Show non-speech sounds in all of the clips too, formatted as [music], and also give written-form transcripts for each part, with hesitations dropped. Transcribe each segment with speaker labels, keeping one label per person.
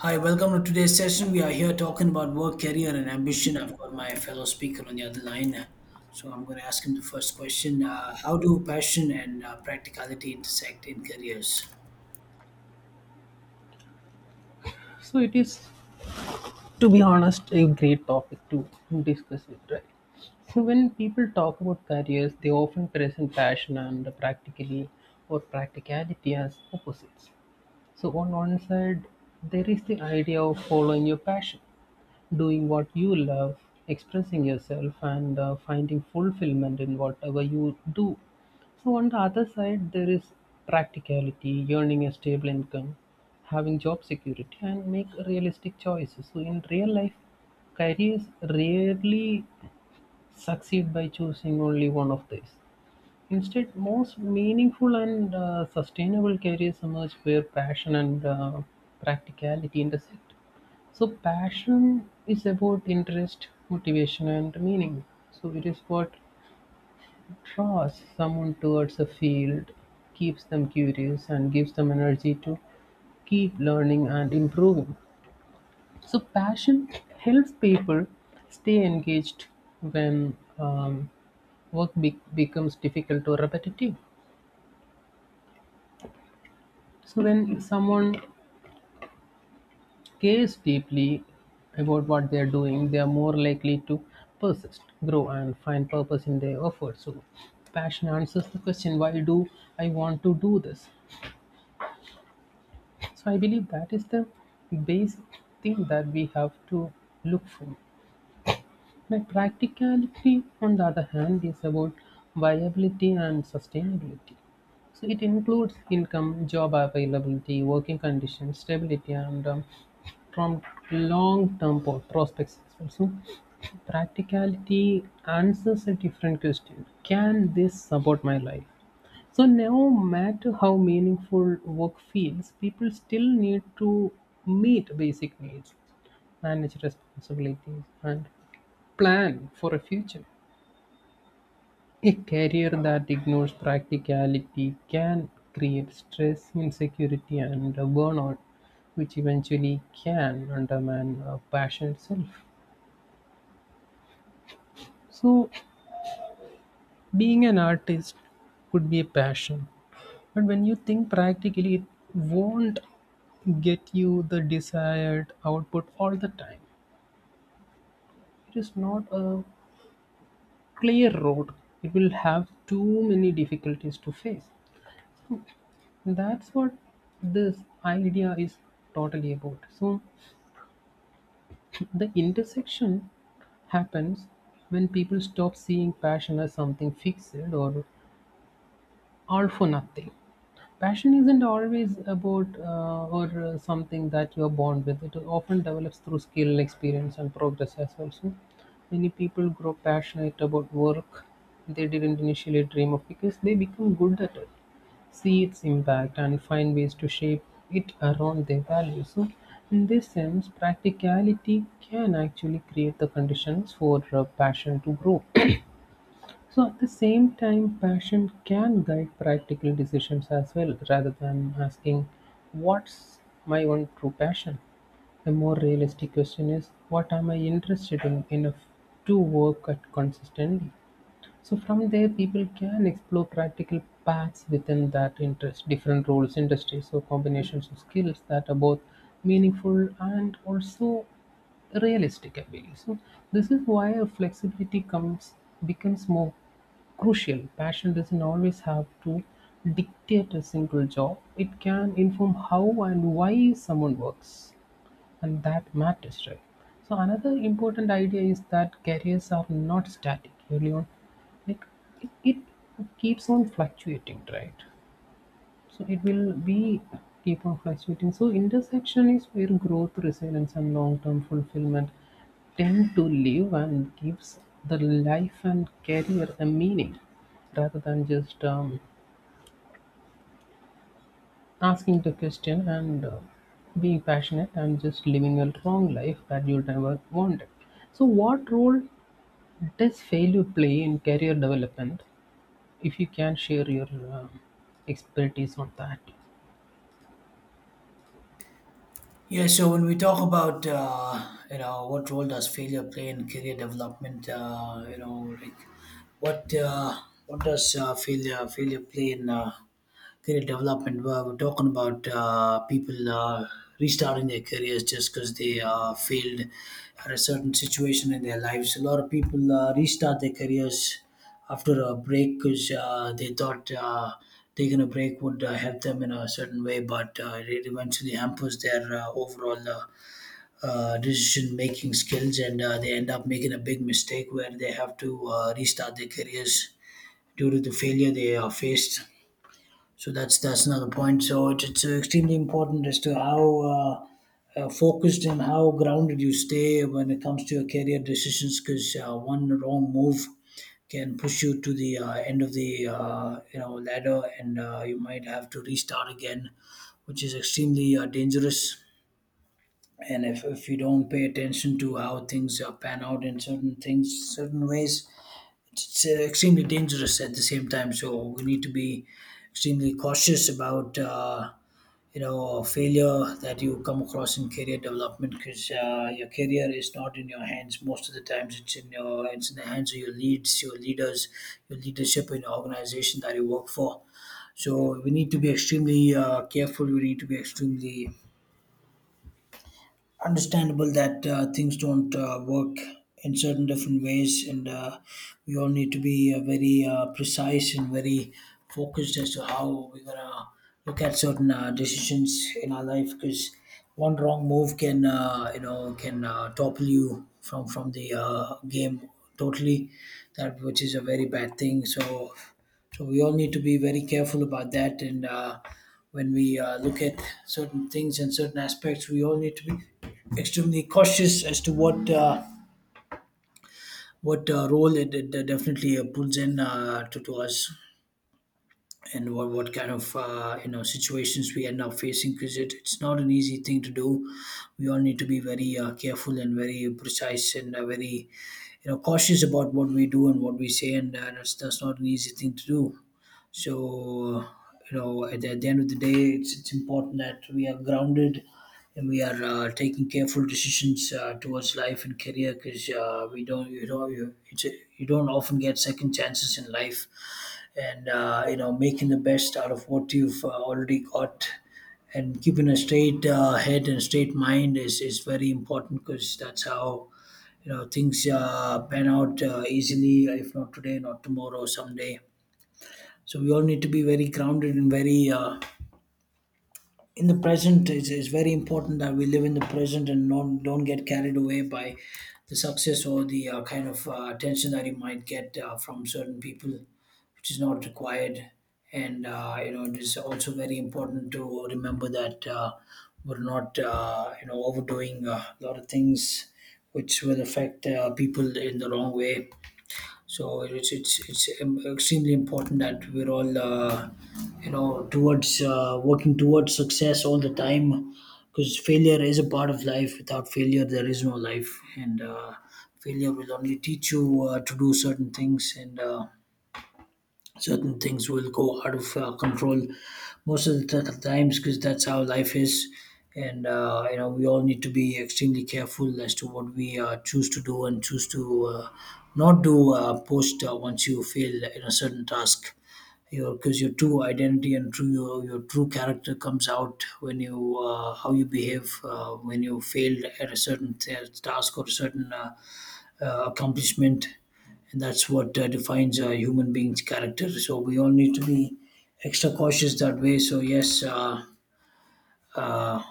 Speaker 1: Hi, welcome to today's session. We are here talking about work, career, and ambition. I've got my fellow speaker on the other line, so I'm going to ask him the first question: How do passion and practicality intersect in careers?
Speaker 2: So it is, to be honest, a great topic to discuss it, right? So when people talk about careers, they often present passion and practically or practicality as opposites. So on one side, there is the idea of following your passion, doing what you love, expressing yourself, and finding fulfillment in whatever you do. So, on the other side, there is practicality, earning a stable income, having job security, and make realistic choices. So, in real life, careers rarely succeed by choosing only one of these. Instead, most meaningful and sustainable careers emerge where passion and practicality intersect. So passion is about interest, motivation, and meaning. So it is what draws someone towards a field, keeps them curious, and gives them energy to keep learning and improving. So passion helps people stay engaged when becomes difficult or repetitive. So when someone cares deeply about what they are doing, they are more likely to persist, grow, and find purpose in their effort. So, passion answers the question, why do I want to do this? So, I believe that is the basic thing that we have to look for. My practicality, on the other hand, is about viability and sustainability. So it includes income, job availability, working conditions, stability, and from long-term prospects, perspective, practicality answers a different question: Can this support my life? So no matter how meaningful work feels, people still need to meet basic needs, manage responsibilities, and plan for a future. A career that ignores practicality can create stress, insecurity, and burnout, which eventually can undermine passion itself. So, being an artist could be a passion, but when you think practically, it won't get you the desired output all the time. It is not a clear road, it will have too many difficulties to face. That's what this idea is totally about. So, [laughs] the intersection happens when people stop seeing passion as something fixed or all for nothing. Passion isn't always about or something that you're born with. It often develops through skill, experience, and progress as well. So many people grow passionate about work they didn't initially dream of because they become good at it, see its impact, and find ways to shape it around their values. So in this sense, practicality can actually create the conditions for passion to grow. So at the same time, passion can guide practical decisions as well. Rather than asking, What's my one true passion? A more realistic question is, What am I interested in enough to work at consistently? So from there, people can explore practical paths within that interest, different roles, industries, or combinations of skills that are both meaningful and also realistic, I believe. So this is why a flexibility comes becomes more crucial. Passion doesn't always have to dictate a single job. It can inform how and why someone works, and that matters, right? So another important idea is that careers are not static, really. On, like, it keeps on fluctuating, right? So it will be keep on fluctuating. So intersection is where growth, resilience, and long-term fulfillment tend to live and gives the life and career a meaning, rather than just asking the question and being passionate and just living a long life that you never wanted. So, what role does failure play in career development? If you can share your expertise on that.
Speaker 1: Yeah, so when we talk about what role does failure play in career development, what uh, what does failure play in career development. Well, we're talking about people restarting their careers just because they failed at a certain situation in their lives. A lot of people restart their careers after a break because they thought taking a break would help them in a certain way, but it eventually hampers their overall decision making skills and they end up making a big mistake where they have to restart their careers due to the failure they faced, so that's another point. So it's extremely important as to how focused and how grounded you stay when it comes to your career decisions, because one wrong move can push you to the end of the ladder, and you might have to restart again, which is extremely dangerous. And if you don't pay attention to how things pan out in certain things, certain ways, it's extremely dangerous at the same time. So we need to be extremely cautious about failure that you come across in career development because your career is not in your hands most of the times. It's in your it's in the hands of your leads, your leaders, your leadership in the organization that you work for. So we need to be extremely careful. We need to be extremely understandable that things don't work in certain different ways, and we all need to be very precise and very focused as to how we're gonna look at certain decisions in our life, because one wrong move can can topple you from the game totally, that which is a very bad thing, so so we all need to be very careful about that. And when we look at certain things and certain aspects we all need to be extremely cautious as to what role it definitely pulls in to us, and what kind of situations we end up facing, because it, it's not an easy thing to do. We all need to be very careful and very precise and very cautious about what we do and what we say, and that's not an easy thing to do. So, you know, at the end of the day, it's important that we are grounded and we are taking careful decisions towards life and career, because we don't, you know, you don't often get second chances in life. And, you know, making the best out of what you've already got and keeping a straight head and straight mind is very important because that's how things pan out easily, if not today not tomorrow someday. So we all need to be very grounded and very in the present. It's very important that we live in the present and not don't get carried away by the success or the kind of attention that you might get from certain people, which is not required. And you know, it is also very important to remember that we're not overdoing a lot of things which will affect people in the wrong way. So it's extremely important that we're all towards working towards success all the time, because failure is a part of life. Without failure, there is no life, and failure will only teach you to do certain things. And certain things will go out of control most of the times, because that's how life is. And you know we all need to be extremely careful as to what we choose to do and choose to not do post once you fail in a certain task your because your true identity and your true character comes out when you how you behave when you fail at a certain task or a certain accomplishment, and that's what defines a human being's character. So we all need to be extra cautious that way. So yes, uh,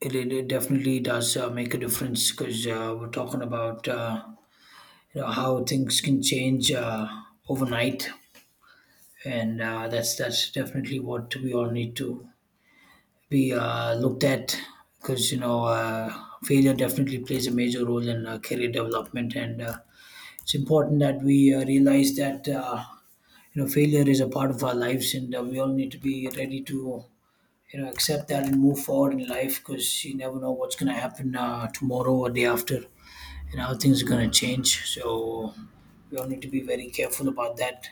Speaker 1: it definitely does make a difference, because we're talking about how things can change overnight, and that's definitely what we all need to be looked at, because failure definitely plays a major role in career development, and it's important that we realize that failure is a part of our lives, and we all need to be ready to accept that and move forward in life, because you never know what's going to happen tomorrow or day after, and how things are going to change. So we all need to be very careful about that.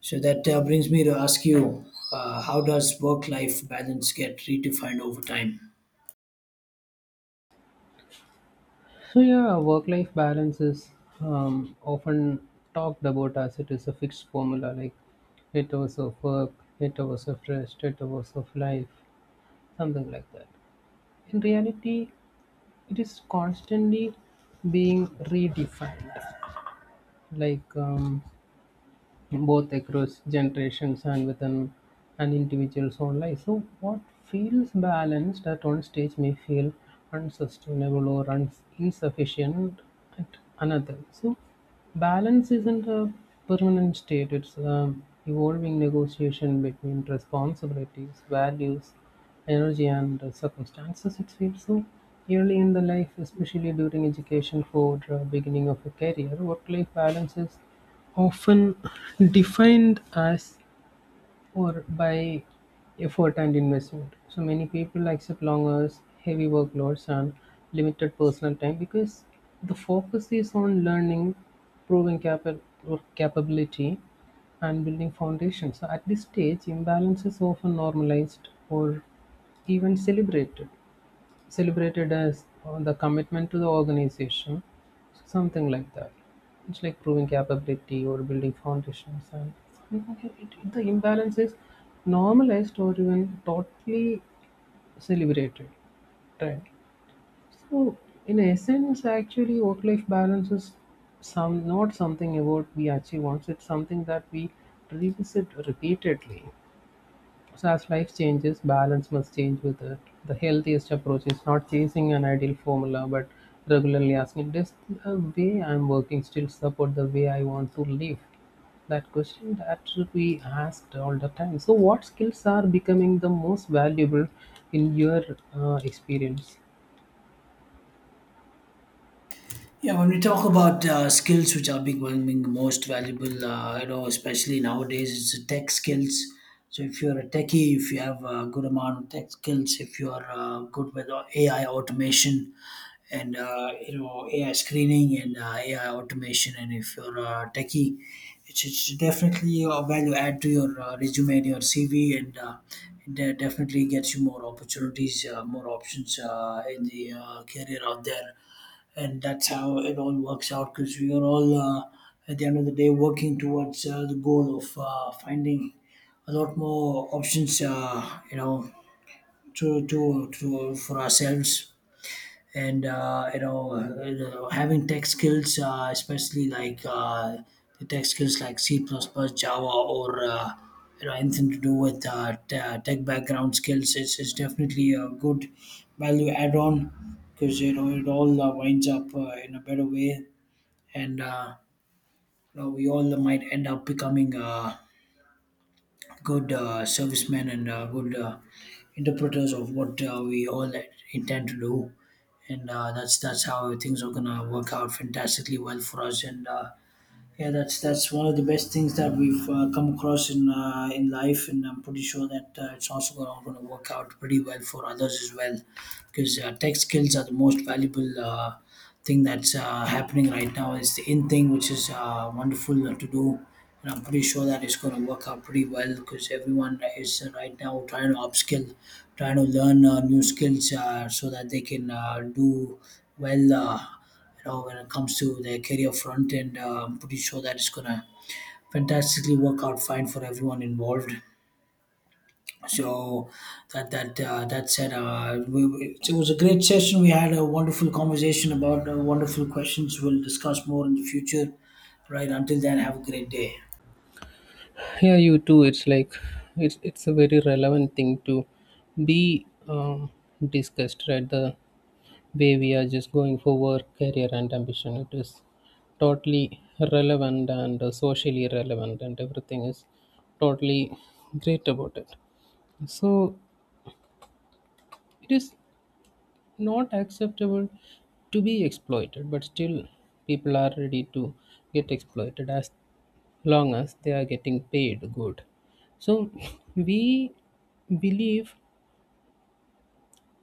Speaker 1: So that brings me to ask you how does work life balance get redefined over time?
Speaker 2: So, yeah, work life balance is often talked about as it is a fixed formula like 8 hours of work, 8 hours of rest, 8 hours of life, something like that. In reality, it is constantly being redefined, like both across generations and within an individual's own life. So, what feels balanced at one stage may feel unsustainable or un- insufficient at another. So, balance isn't a permanent state, it's an evolving negotiation between responsibilities, values, energy, and circumstances. It feels so early in the life, especially during education for beginning of a career, work life balance is often defined as or by effort and investment. So many people accept long hours, heavy workloads, and limited personal time because the focus is on learning, proving capa- or capability, and building foundations. So at this stage, imbalance is often normalized or even celebrated as the commitment to the organization, something like that. It's like proving capability or building foundations. And the imbalance is normalized or even totally celebrated, right? So in essence, actually, work life balance is some not something about we achieve once, it's something that we revisit repeatedly. So as life changes, balance must change with it. The healthiest approach is not chasing an ideal formula, but regularly asking, does the way I'm working still support the way I want to live? That question that should be asked all the time. So what skills are becoming the most valuable in your experience?
Speaker 1: Yeah, when we talk about skills which are becoming most valuable, you know, especially nowadays, it's the tech skills. So if you're a techie, if you have a good amount of tech skills, if you are good with AI automation, and AI screening and AI automation, and if you're a techie, it's definitely a value add to your resume and your CV, and it definitely gets you more opportunities, more options in the career out there, and that's how it all works out, because we are all at the end of the day working towards the goal of finding a lot more options, to, for ourselves. And having tech skills especially like the tech skills like c++ java, or anything to do with tech background skills is definitely a good value add-on, because you know it all winds up in a better way. And you know, we all might end up becoming good servicemen and good interpreters of what we all intend to do, and that's how things are gonna work out fantastically well for us. And yeah, that's one of the best things that we've come across in life, and I'm pretty sure that it's also gonna work out pretty well for others as well, because tech skills are the most valuable thing that's happening right now. It's the in thing, which is wonderful to do. And I'm pretty sure that it's going to work out pretty well because everyone is right now trying to upskill, trying to learn new skills so that they can do well, when it comes to their career front, and I'm pretty sure that it's going to fantastically work out fine for everyone involved. So that said, it was a great session. We had a wonderful conversation about wonderful questions. We'll discuss more in the future. Right. Until then, have a great day.
Speaker 2: Yeah, you too. It's like it's a very relevant thing to be discussed, right? The way we are just going for work, career, and ambition. It is totally relevant and socially relevant, and everything is totally great about it. So, it is not acceptable to be exploited, but still, people are ready to get exploited as long as they are getting paid good. So, we believe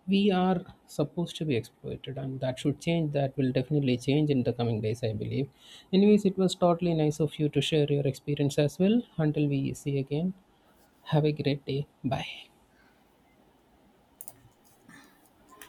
Speaker 2: we are supposed to be exploited, and that should change. That will definitely change in the coming days, I believe. Anyways, it was totally nice of you to share your experience as well. Until we see again, have a great day. Bye.